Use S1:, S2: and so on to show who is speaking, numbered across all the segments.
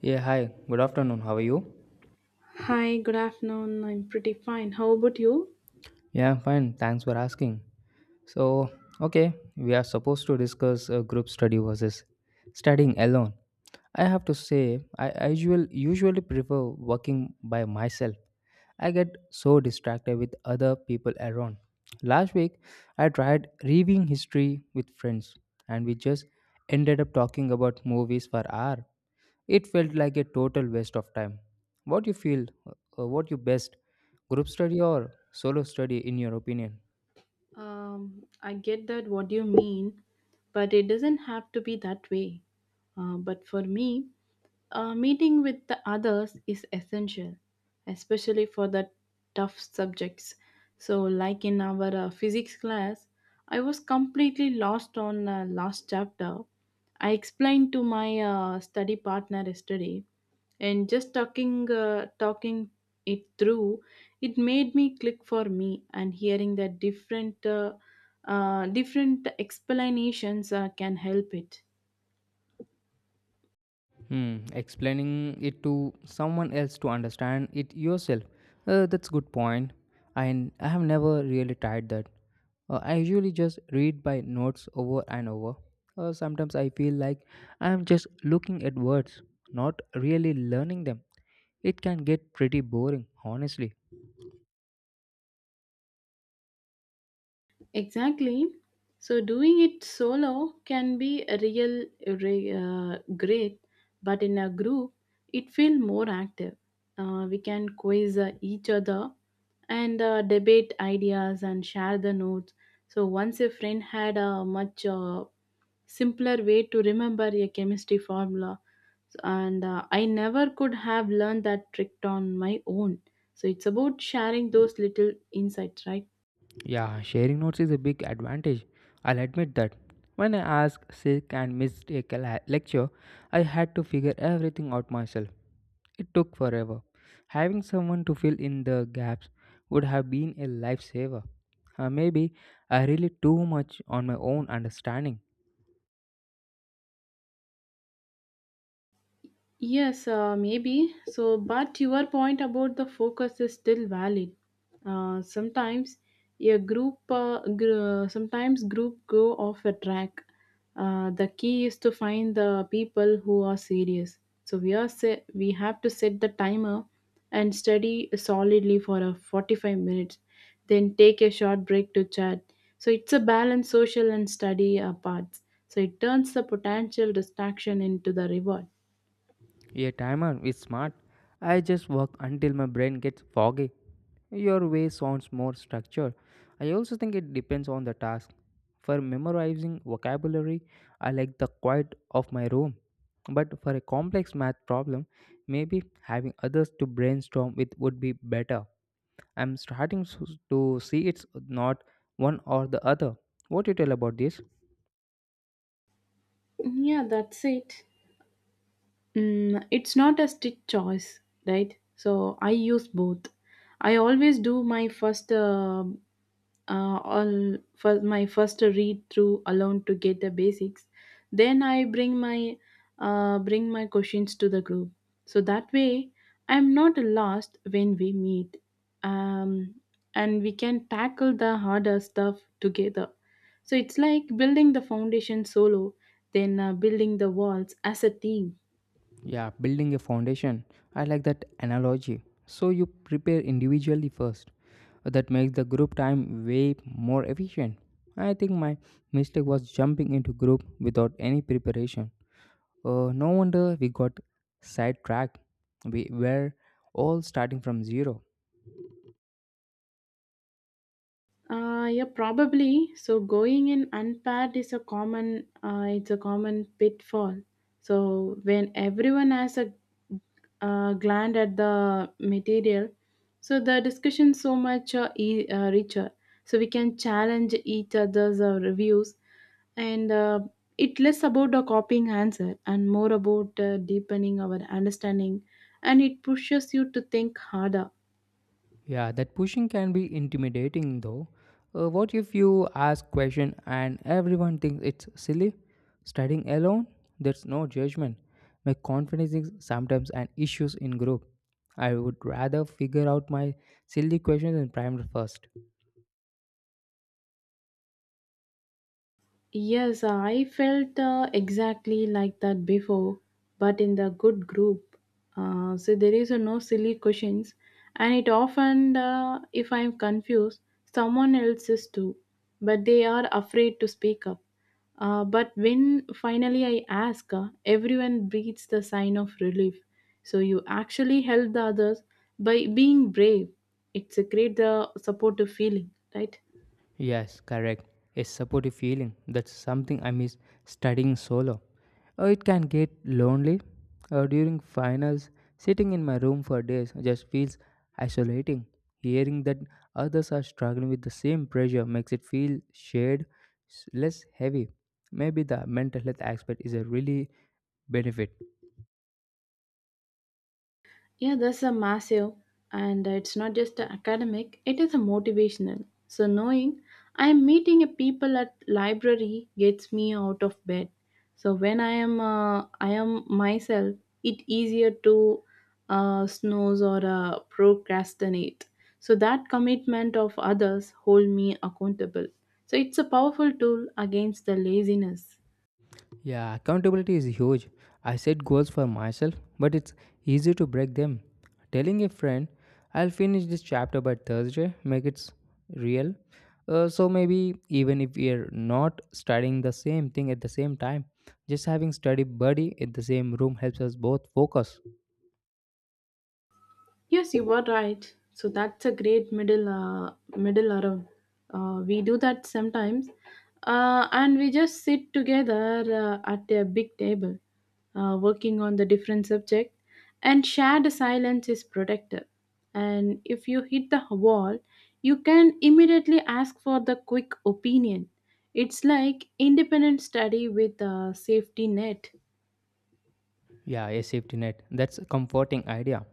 S1: Yeah, hi. Good afternoon. How are you?
S2: Hi, good afternoon. I'm pretty fine. How about you?
S1: Yeah, I'm fine. Thanks for asking. So, okay, we are supposed to discuss group study versus studying alone. I have to say, I usually prefer working by myself. I get so distracted with other people around. Last week, I tried reviewing history with friends, and we just ended up talking about movies for hours. It felt like a total waste of time. What you feel, what you best, group study or solo study in your opinion?
S2: I get that what you mean, but it doesn't have to be that way. But for me, meeting with the others is essential, especially for the tough subjects. So, like in our physics class, I was completely lost on last chapter. I explained to my study partner yesterday, and just talking it through, it made me click for me. And hearing that different explanations can help it.
S1: Hmm, explaining it to someone else to understand it yourself. That's good point. I have never really tried that. I usually just read by notes over and over. Sometimes I feel like I am just looking at words, not really learning them. It can get pretty boring, honestly.
S2: Exactly. So doing it solo can be a great, but in a group, it feels more active. We can quiz each other and debate ideas and share the notes. So once a friend had a much simpler way to remember a chemistry formula, and I never could have learned that trick on my own. So it's about sharing those little insights, right?
S1: Yeah, sharing notes is a big advantage. I'll admit that. When I asked, sick, and missed a lecture, I had to figure everything out myself. It took forever. Having someone to fill in the gaps would have been a lifesaver. Maybe I relied too much on my own understanding.
S2: Yes, maybe. So, but your point about the focus is still valid. Sometimes sometimes group go off a track. The key is to find the people who are serious. So we have to set the timer and study solidly for a 45 minutes. Then take a short break to chat. So it's a balanced social and study parts. So it turns the potential distraction into the reward.
S1: A timer is smart. I just work until my brain gets foggy. Your way sounds more structured. I also think it depends on the task. For memorizing vocabulary, I like the quiet of my room. But for a complex math problem, maybe having others to brainstorm with would be better. I'm starting to see it's not one or the other. What do you tell about this?
S2: Yeah, that's it. Mm, it's not a strict choice, right? So I use both. I always do my first all for my first read through alone to get the basics, then I bring my questions to the group, so that way I'm not lost when we meet, um, and we can tackle the harder stuff together. So it's like building the foundation solo, then building the walls as a team.
S1: Yeah, building a foundation. I like that analogy. So you prepare individually first. That makes the group time way more efficient. I think my mistake was jumping into group without any preparation. No wonder we got sidetracked. We were all starting from zero.
S2: Yeah, probably. So going in unpaired is a it's a common pitfall. So when everyone has a gland at the material, so the discussion so much richer. So we can challenge each other's reviews, and it less about the copying answer and more about deepening our understanding, and it pushes you to think harder.
S1: Yeah, that pushing can be intimidating though. What if you ask question and everyone thinks it's silly? Studying alone, there's no judgment. My confidence is sometimes an issues in group. I would rather figure out my silly questions in private first.
S2: Yes, I felt exactly like that before, but in the good group. So there is a no silly questions, and it often, if I'm confused, someone else is too, but they are afraid to speak up. But when finally I ask, everyone breathes the sign of relief. So you actually help the others by being brave. It's a great supportive feeling, right?
S1: Yes, correct. A supportive feeling. That's something I miss studying solo. It can get lonely. During finals, sitting in my room for days just feels isolating. Hearing that others are struggling with the same pressure makes it feel shared, less heavy. Maybe the mental health aspect is a really benefit.
S2: Yeah, that's a massive, and it's not just a academic, it is a motivational. So, knowing I am meeting a people at library gets me out of bed. So, when I am myself, it easier to snooze or procrastinate. So, that commitment of others hold me accountable. So, it's a powerful tool against the laziness.
S1: Yeah, accountability is huge. I set goals for myself, but it's easy to break them. Telling a friend, I'll finish this chapter by Thursday, make it real. So maybe even if we're not studying the same thing at the same time, just having study buddy in the same room helps us both focus.
S2: Yes, you were right. So that's a great middle around. We do that sometimes, and we just sit together at a big table, working on the different subject, and shared silence is protective. And if you hit the wall, you can immediately ask for the quick opinion. It's like independent study with a safety net.
S1: Yeah, a safety net. That's a comforting idea.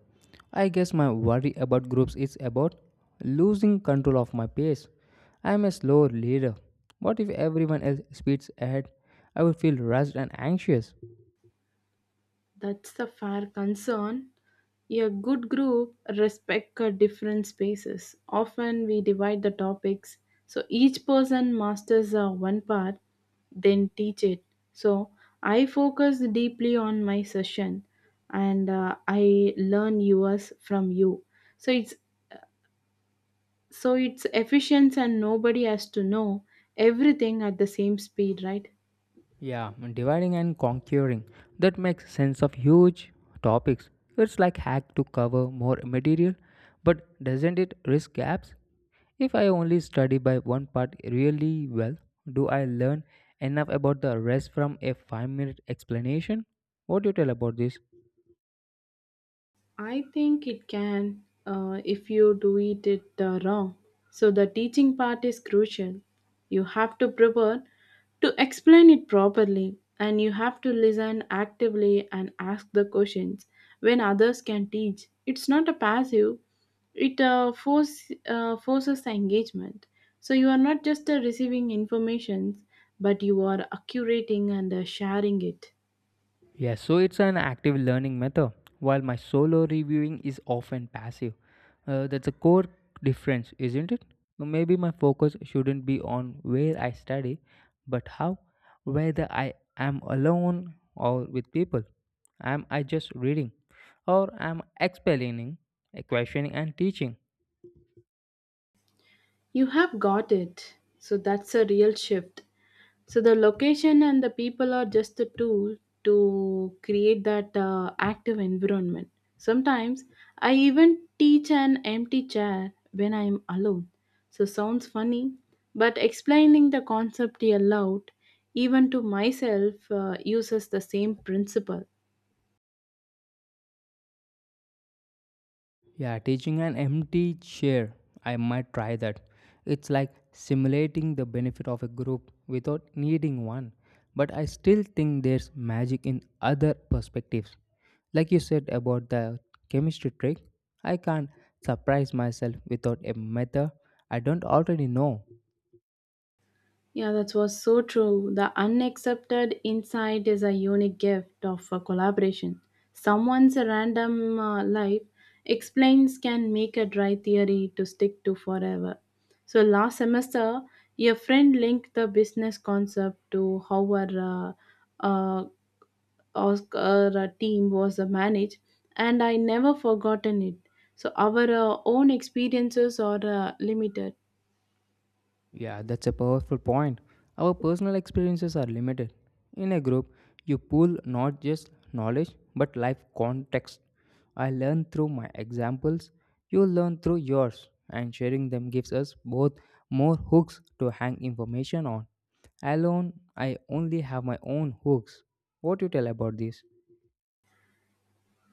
S1: I guess my worry about groups is about losing control of my pace. I'm a slow leader. What if everyone else speeds ahead? I would feel rushed and anxious.
S2: That's the fair concern. A good group respect different spaces. Often we divide the topics so each person masters one part, then teach it. So I focus deeply on my session, and I learn yours from you. So it's so it's efficient and nobody has to know everything at the same speed, right?
S1: Yeah, dividing and conquering. That makes sense of huge topics. It's like hack to cover more material, but doesn't it risk gaps? If I only study by one part really well, do I learn enough about the rest from a 5-minute minute explanation? What do you tell about this?
S2: I think it can if you do it, it wrong. So the teaching part is crucial. You have to prepare to explain it properly and you have to listen actively and ask the questions when others can teach. It's not a passive, it forces the engagement. So you are not just receiving information, but you are accurating and sharing it.
S1: Yes, so it's an active learning method, while my solo reviewing is often passive. That's a core difference, isn't it? Well, maybe my focus shouldn't be on where I study, but how, whether I am alone or with people. Am I just reading, or am I explaining, questioning, and teaching?
S2: You have got it. So that's a real shift. So the location and the people are just the tool to create that active environment. Sometimes I even teach an empty chair when I'm alone. So sounds funny, but explaining the concept aloud, even to myself, uses the same principle.
S1: Yeah, teaching an empty chair. I might try that. It's like simulating the benefit of a group without needing one. But I still think there's magic in other perspectives. Like you said about the chemistry trick, I can't surprise myself without a method I don't already know.
S2: Yeah, that was so true. The unaccepted insight is a unique gift of a collaboration. Someone's random life explains can make a dry theory to stick to forever. So last semester, your friend linked the business concept to how our uh, uh, Oscar team was managed, and I never forgotten it. So our own experiences are limited.
S1: Yeah, that's a powerful point. Our personal experiences are limited. In a group, you pool not just knowledge but life context. I learn through my examples, you learn through yours, and sharing them gives us both more hooks to hang information on. Alone, I only have my own hooks. What do you tell about this?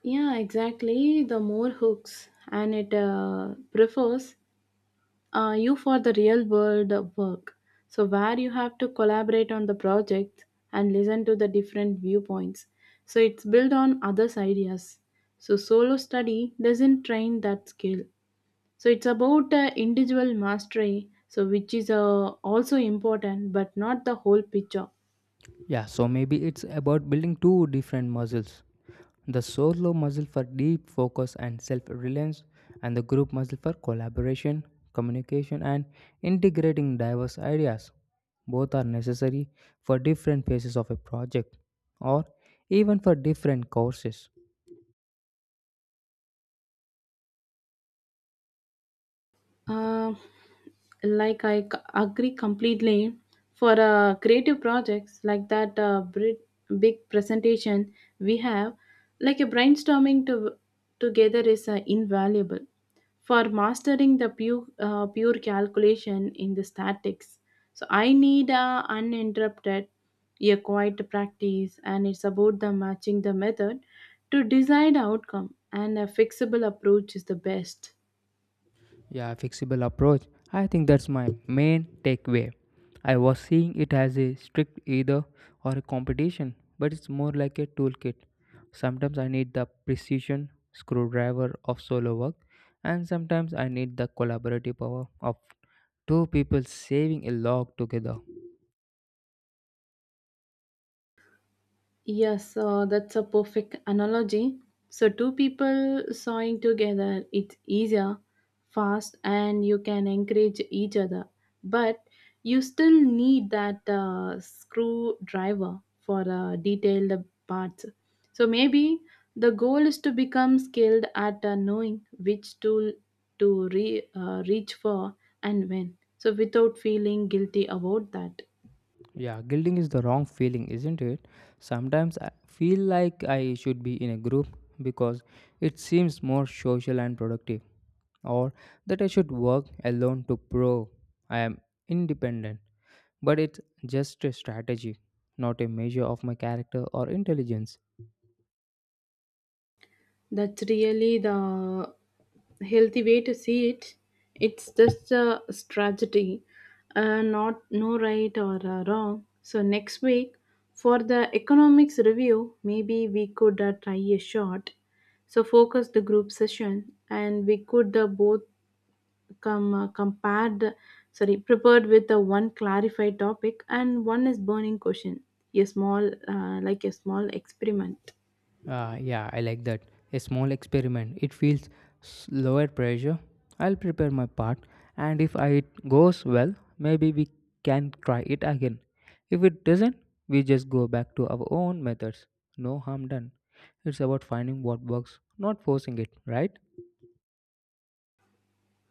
S2: Yeah, exactly. The more hooks and it prefers you for the real world work. So, where you have to collaborate on the project and listen to the different viewpoints. So, it's built on others' ideas. So, solo study doesn't train that skill. So, it's about individual mastery, so which is also important but not the whole picture.
S1: Yeah, so maybe it's about building two different muscles, the solo muscle for deep focus and self reliance, and the group muscle for collaboration, communication, and integrating diverse ideas. Both are necessary for different phases of a project or even for different courses.
S2: Uh, agree completely. For creative projects like that big presentation we have, like a brainstorming to, together is invaluable for mastering the pure calculation in the statics. So I need uninterrupted, a quiet practice, and it's about the matching the method to desired outcome, and a fixable approach is the best.
S1: Yeah, fixable approach. I think that's my main takeaway. I was seeing it as a strict either or a competition, but it's more like a toolkit. Sometimes I need the precision screwdriver of solo work, and sometimes I need the collaborative power of two people saving a log together.
S2: Yes, that's a perfect analogy. So, two people sawing together, it's easier, fast, and you can encourage each other. But you still need that screwdriver for detailed parts. So, maybe the goal is to become skilled at knowing which tool to reach for and when. So, without feeling guilty about that.
S1: Yeah, guilting is the wrong feeling, isn't it? Sometimes I feel like I should be in a group because it seems more social and productive, or that I should work alone to prove I am independent. But it's just a strategy, not a measure of my character or intelligence.
S2: That's really the healthy way to see it. It's just a strategy, not no right or wrong. So next week for the economics review, maybe we could try a shot. So focus the group session, and we could both come uh, compared, prepared with one clarified topic and one is burning question. Like a small experiment.
S1: Yeah, I like that. A small experiment. It feels lower pressure. I'll prepare my part, and if I- it goes well, maybe we can try it again. If it doesn't, we just go back to our own methods. No harm done. It's about finding what works, not forcing it, right?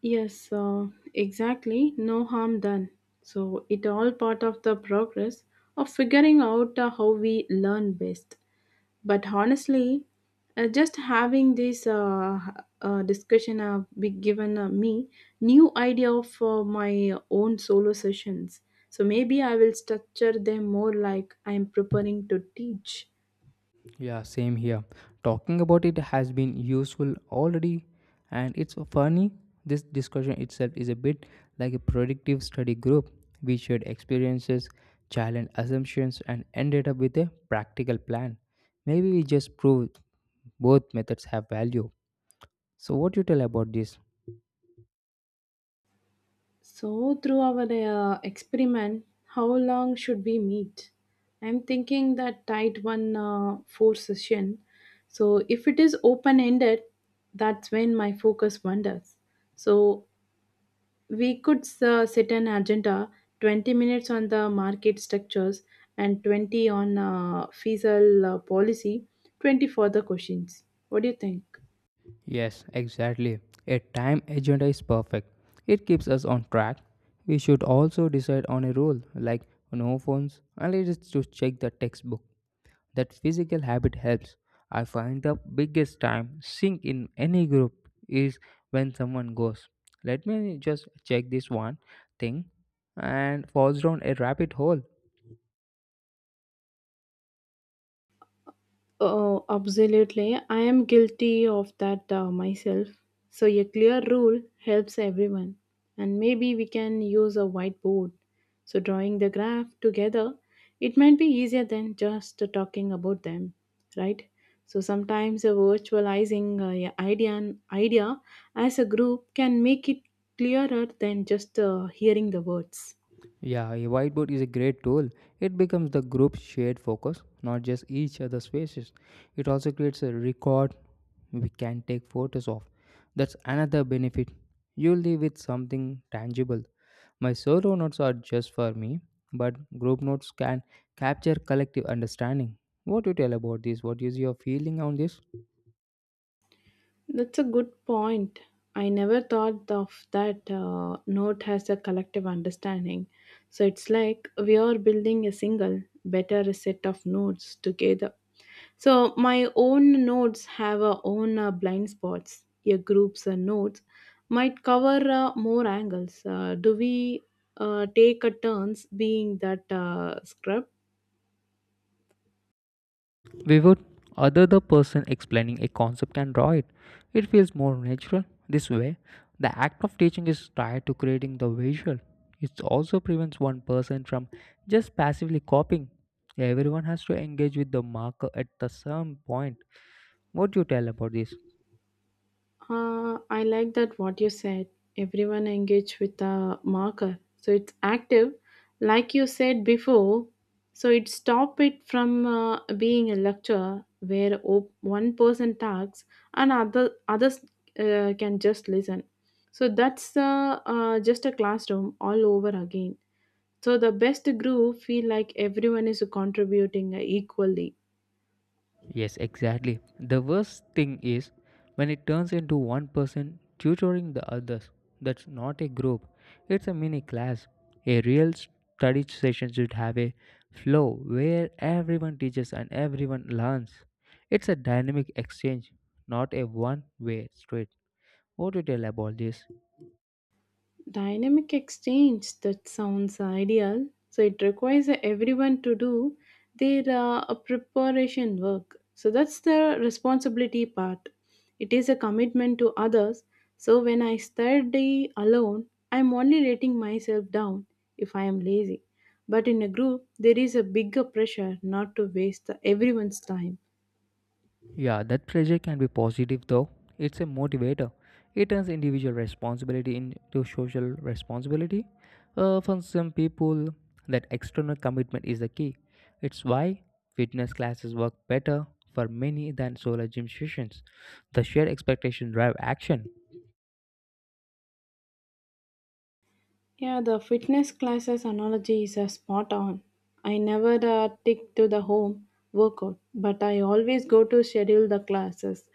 S2: Yes, exactly. No harm done. So it all part of the progress of figuring out how we learn best. But honestly, just having this discussion have be given me new idea of my own solo sessions. So maybe I will structure them more like I am preparing to teach.
S1: Yeah, same here. Talking about it has been useful already, and it's funny. This discussion itself is a bit like a predictive study group. We shared experiences, challenged assumptions, and ended up with a practical plan. Maybe we just proved both methods have value. So, what you tell about this?
S2: So, through our experiment, how long should we meet? I'm thinking that tight one four session. So, if it is open ended, that's when my focus wanders. So, we could set an agenda 20 minutes on the market structures and 20 on fiscal policy, 20 for the questions. What do you think?
S1: Yes, exactly. A time agenda is perfect. It keeps us on track. We should also decide on a rule like no phones unless it's to check the textbook. That physical habit helps. I find the biggest time sink in any group is when someone goes, let me just check this one thing, and falls down a rabbit hole.
S2: Oh, absolutely. I am guilty of that myself. So, a clear rule helps everyone. And maybe we can use a whiteboard. So, drawing the graph together, it might be easier than just talking about them, right? So, sometimes virtualizing a idea as a group can make it clearer than just hearing the words.
S1: Yeah, a whiteboard is a great tool. It becomes the group's shared focus, not just each other's faces. It also creates a record we can take photos of. That's another benefit. You leave with something tangible. My solo notes are just for me, but group notes can capture collective understanding. What do you tell about this? What is your feeling on this?
S2: That's a good point. I never thought of that note as a collective understanding. So it's like we are building a single, better set of notes together. So my own notes have our own blind spots. Your group's notes might cover more angles. Do we take a turns being that scrub?
S1: We would other the person explaining a concept can draw it. It feels more natural. This way, the act of teaching is tied to creating the visual. It also prevents one person from just passively copying. Everyone has to engage with the marker at the same point. What do you tell about this?
S2: I like that what you said. Everyone engage with a marker. So it's active, like you said before. So it stop it from being a lecture where one person talks and others can just listen. So that's just a classroom all over again. So the best group feel like everyone is contributing equally.
S1: Yes, exactly. The worst thing is when it turns into one person tutoring the others. That's not a group, it's a mini class. A real study session should have a flow where everyone teaches and everyone learns. It's a dynamic exchange, not a one way street. What do you tell about this?
S2: Dynamic exchange, that sounds ideal. So it requires everyone to do their preparation work. So that's the responsibility part. It is a commitment to others. So when I study alone, I'm only letting myself down if I am lazy. But in a group, there is a bigger pressure not to waste the- everyone's time.
S1: Yeah, that pressure can be positive though. It's a motivator. It turns individual responsibility into social responsibility. For some people, that external commitment is the key. It's why fitness classes work better for many than solo gym sessions. The shared expectation drive action.
S2: Yeah, the fitness classes analogy is spot on. I never stick to the home workout, but I always go to schedule the classes.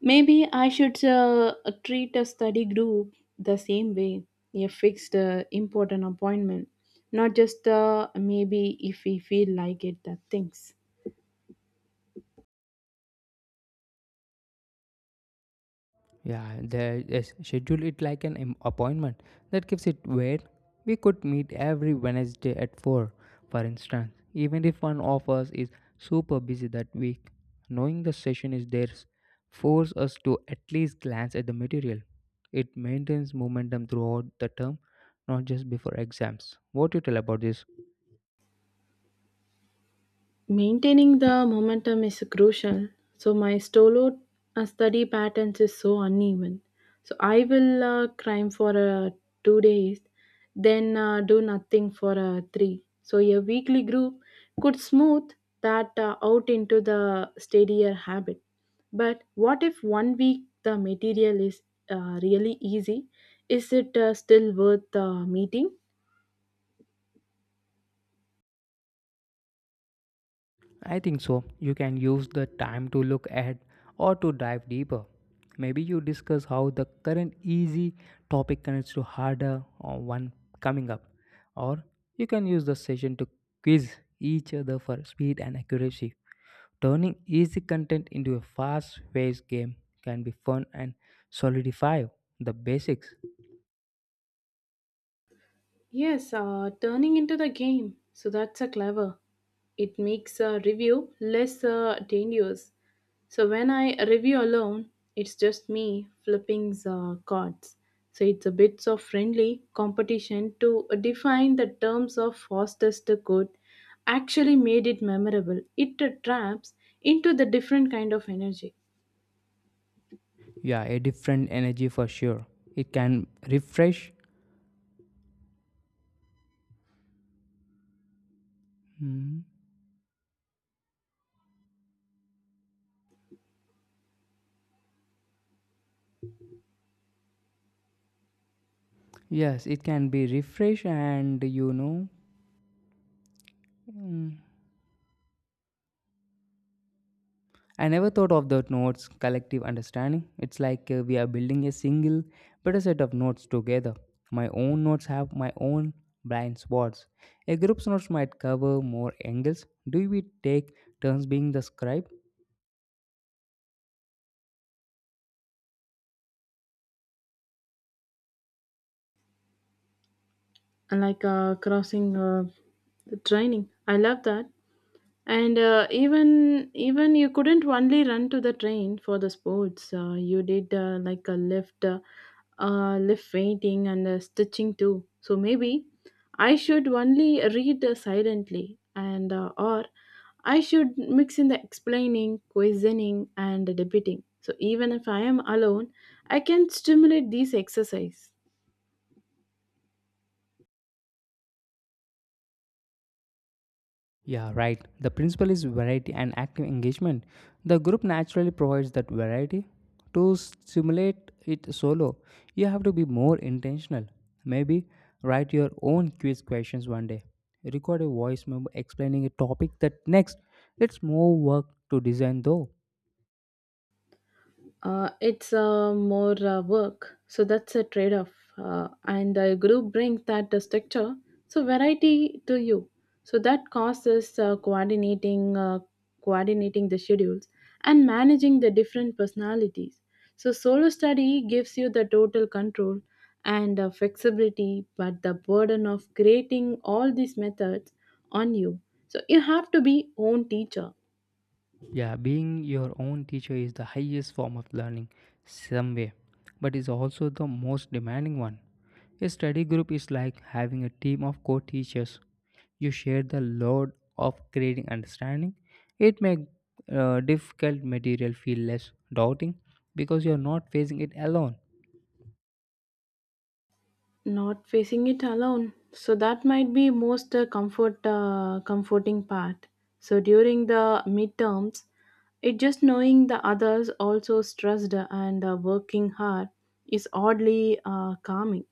S2: Maybe I should treat a study group the same way, a fixed important appointment, not just maybe if we feel like it, that things.
S1: Yeah, there is schedule it like an appointment. That gives it weight. We could meet every Wednesday at 4, for instance, even if one of us is super busy that week. Knowing the session is theirs force us to at least glance at the material. It maintains momentum throughout the term, not just before exams. What do you tell about this?
S2: Maintaining the momentum is crucial. So my solo study patterns is so uneven. So I will climb for 2 days, then do nothing for 3. So a weekly group could smooth that out into the steadier habit. But what if one week the material is really easy? Is it still worth meeting?
S1: I think so. You can use the time to look ahead or to dive deeper. Maybe you discuss how the current easy topic connects to harder or one coming up. Or you can use the session to quiz each other for speed and accuracy. Turning easy content into a fast paced game can be fun and solidify the basics.
S2: Yes, turning into the game. So that's a clever. It makes a review less dangerous. So when I review alone, it's just me flipping the cards. So it's a bit of friendly competition to define the terms of fastest good. Actually made it memorable. It traps into the different kind of energy,
S1: Yeah, a different energy for sure. It can refresh. Mhm. Yes, it can be refresh and Mm. I never thought of the notes collective understanding. It's like we are building a single, better set of notes together. My own notes have my own blind spots. A group's notes might cover more angles. Do we take turns being the scribe?
S2: like crossing the training. I love that. And even you couldn't only run to the train for the sports. You did like a lift, lift painting and stitching too. So maybe I should only read silently, and or I should mix in the explaining, questioning, and debating. So even if I am alone, I can stimulate these exercise.
S1: Yeah, right. The principle is variety and active engagement. The group naturally provides that variety. To simulate it solo, you have to be more intentional. Maybe write your own quiz questions one day. Record a voice memo explaining a topic that next. It's more work to design though.
S2: It's more work, so that's a trade off. And a group brings that structure, so variety to you. So that causes coordinating the schedules and managing the different personalities. So solo study gives you the total control and flexibility, but the burden of creating all these methods on you. So you have to be own teacher.
S1: Yeah, being your own teacher is the highest form of learning, some way, but is also the most demanding one. A study group is like having a team of co teachers. You share the load of creating understanding. It makes difficult material feel less daunting because you are not facing it alone.
S2: Not facing it alone. So that might be most comforting part. So during the midterms, it just knowing the others also stressed and working hard is oddly calming.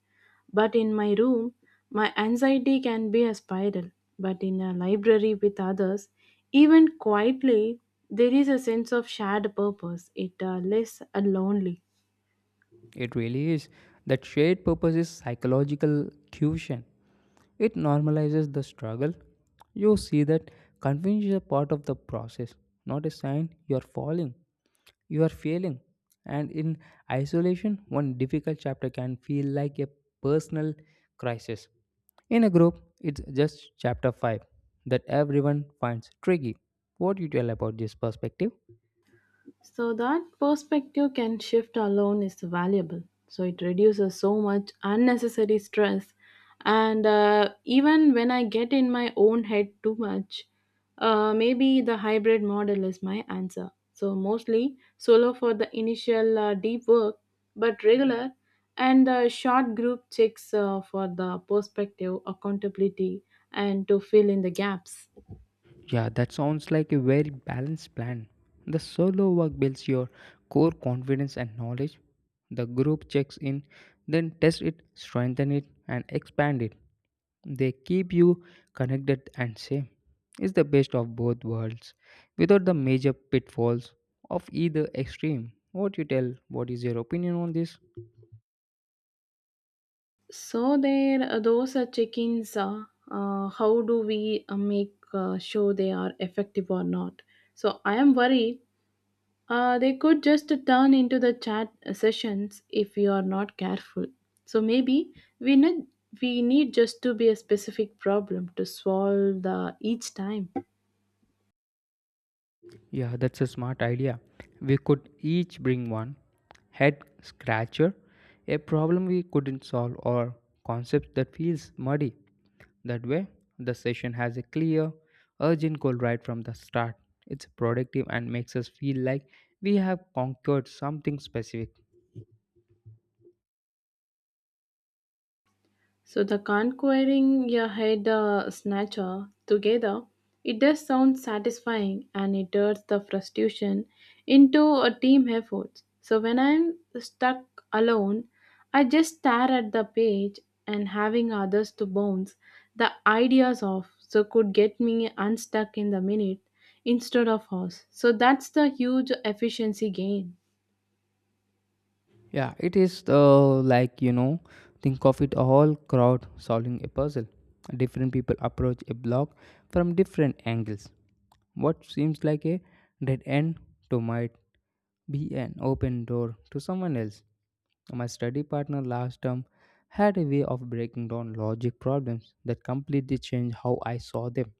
S2: But in my room, my anxiety can be a spiral. But in a library with others, even quietly, there is a sense of shared purpose. It less lonely.
S1: It really is. That shared purpose is psychological cution. It normalizes the struggle. You see that confusion is a part of the process, not a sign you are falling, you are failing. And in isolation, one difficult chapter can feel like a personal crisis. In a group, it's just chapter 5 that everyone finds tricky. What do you tell about this perspective?
S2: So that perspective can shift alone is valuable. So it reduces so much unnecessary stress. And even when I get in my own head too much, maybe the hybrid model is my answer. So mostly solo for the initial deep work, but regular and the short group checks for the perspective, accountability, and to fill in the gaps.
S1: Yeah, that sounds like a very balanced plan. The solo work builds your core confidence and knowledge. The group checks in, then test it, strengthen it, and expand it. They keep you connected and sane. It's the best of both worlds without the major pitfalls of either extreme. What you tell, what is your opinion on this?
S2: So there, those are check-ins. How do we make sure they are effective or not? So I am worried they could just turn into the chat sessions if we are not careful. So maybe we need we need just to be a specific problem to solve the each time.
S1: Yeah, that's a smart idea. We could each bring one head scratcher, a problem we couldn't solve, or concept that feels muddy. That way, the session has a clear, urgent goal right from the start. It's productive and makes us feel like we have conquered something specific.
S2: So the conquering your head snatcher together, it does sound satisfying and it turns the frustration into a team effort. So when I'm stuck alone, I just stare at the page and having others to bounce the ideas off so could get me unstuck in the minute instead of us. So that's the huge efficiency gain.
S1: Yeah, it is like, think of it a whole crowd solving a puzzle. Different people approach a block from different angles. What seems like a dead end to might be an open door to someone else. My study partner last term had a way of breaking down logic problems that completely changed how I saw them.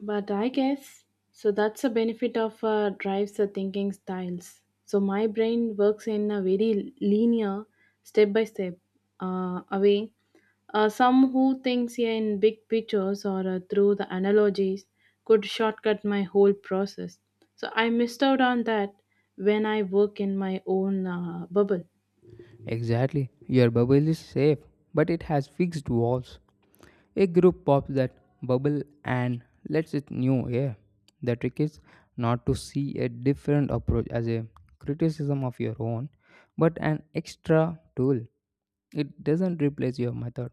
S2: But I guess so that's a benefit of drives the thinking styles. So my brain works in a very linear, step by step, way. Some who thinks yeah, in big pictures or through the analogies could shortcut my whole process. So I missed out on that when I work in my own bubble.
S1: Exactly, your bubble is safe, but it has fixed walls. A group pops that bubble and lets it new air. The trick is not to see a different approach as a criticism of your own, but an extra tool. It doesn't replace your method,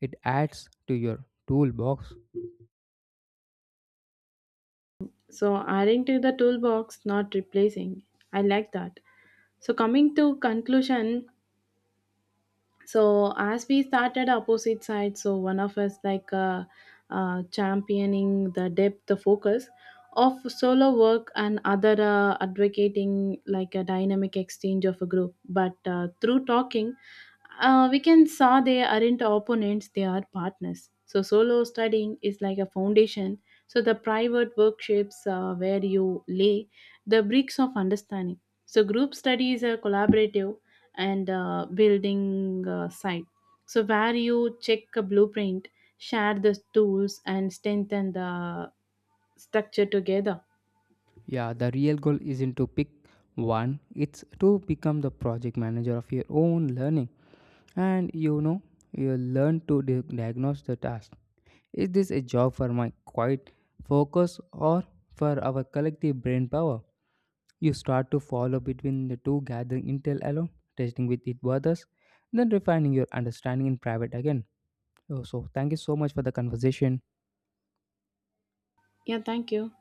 S1: it adds to your toolbox.
S2: So adding to the toolbox, not replacing. I like that. So coming to conclusion, so as we started opposite sides so one of us like championing the depth the focus of solo work and other advocating like a dynamic exchange of a group but through talking we can saw they aren't opponents they are partners so solo studying is like a foundation so the private workshops where you lay the bricks of understanding. So, group study is a collaborative and building site. So, where you check a blueprint, share the tools, and strengthen the structure together.
S1: Yeah, the real goal isn't to pick one, it's to become the project manager of your own learning. And you learn to diagnose the task. Is this a job for my quiet focus or for our collective brain power? You start to follow between the two, gathering intel alone, testing with it with others, then refining your understanding in private again. Oh, so, thank you so much for the conversation.
S2: Yeah, thank you.